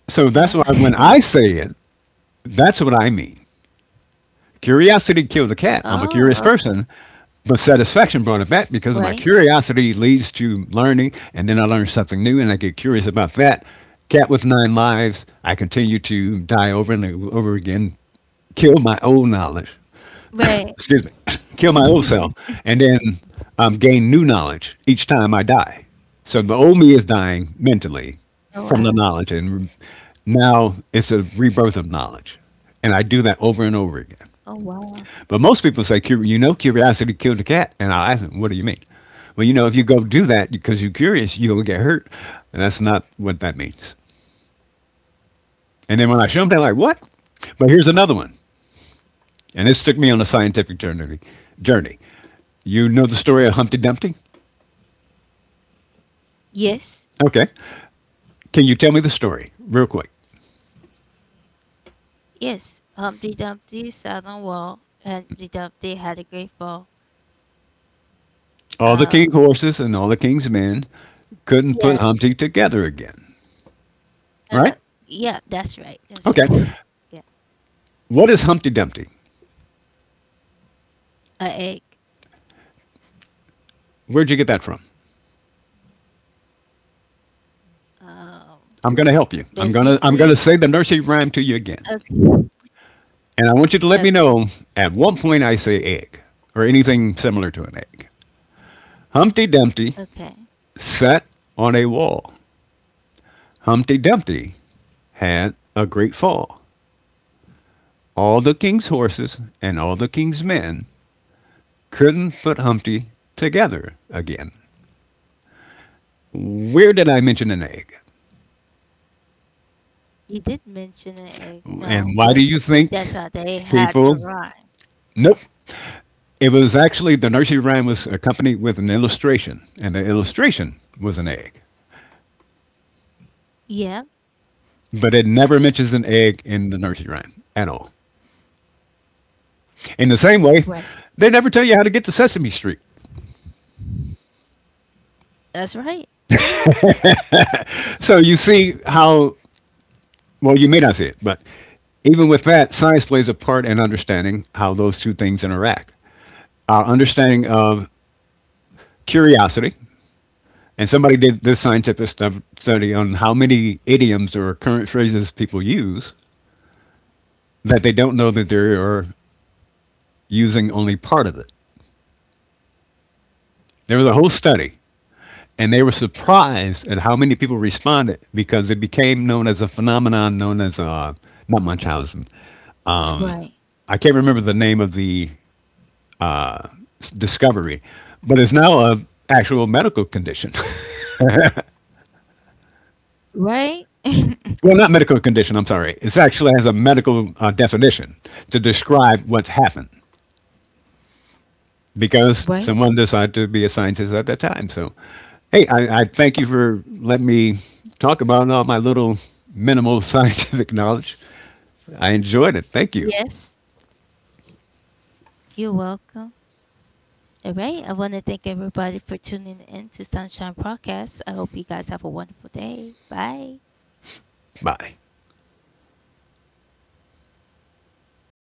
So that's why yeah. when I say it, that's what I mean. Curiosity killed a cat. I'm a curious Oh, okay. person, but satisfaction brought it back because my Right, curiosity leads to learning, and then I learn something new, and I get curious about that. Cat with nine lives. I continue to die over and over again, kill my old knowledge. right. Excuse me, kill my old self, and then gain new knowledge each time I die. So the old me is dying mentally Oh, from the wow. knowledge, and now it's a rebirth of knowledge, and I do that over and over again. Oh, wow. But most people say, you know, curiosity killed the cat. And I'll ask them, what do you mean? Well, you know, if you go do that because you're curious, you will get hurt. And that's not what that means. And then when I show them, they're like, what? But here's another one. And this took me on a scientific journey. You know the story of Humpty Dumpty? Yes, Okay. Can you tell me the story real quick? yes. Humpty Dumpty sat on wall, and Humpty Dumpty had a great fall. All the Uh, king's horses and all the king's men couldn't put yeah, Humpty together again, uh, right? yeah, that's right. That's right. Okay. Yeah. What is Humpty Dumpty? A egg. Where'd you get that from? Um, I'm going to help you. I'm going to basically, say the nursery rhyme to you again. okay, And I want you to let me okay, know. At one point, I say egg or anything similar to an egg. Humpty Dumpty okay. sat on a wall. Humpty Dumpty had a great fall. All the king's horses and all the king's men couldn't put Humpty together again. Where did I mention an egg? You did mention an egg, no, And why do but you that's think how they had the people? rhyme. Nope. It was actually, the nursery rhyme was accompanied with an illustration, and the illustration was an egg. Yeah, But it never mentions an egg in the nursery rhyme at all. In the same way, right. they never tell you how to get to Sesame Street. That's right. So you see how, well, you may not see it, but even with that, science plays a part in understanding how those two things interact. Our understanding of curiosity, and somebody did this scientific study on how many idioms or current phrases people use that they don't know that they are using only part of it. There was a whole study. And they were surprised at how many people responded because it became known as a phenomenon known as not Munchausen. Right. I can't remember the name of the discovery, but it's now a actual medical condition. Right. Well, not medical condition. I'm sorry. It actually has a medical definition to describe what's happened because Right. someone decided to be a scientist at that time. So, hey, I thank you for letting me talk about all my little minimal scientific knowledge. I enjoyed it. Thank you. Yes. You're welcome. All right. I want to thank everybody for tuning in to Sunshine Podcast. I hope you guys have a wonderful day. Bye. Bye.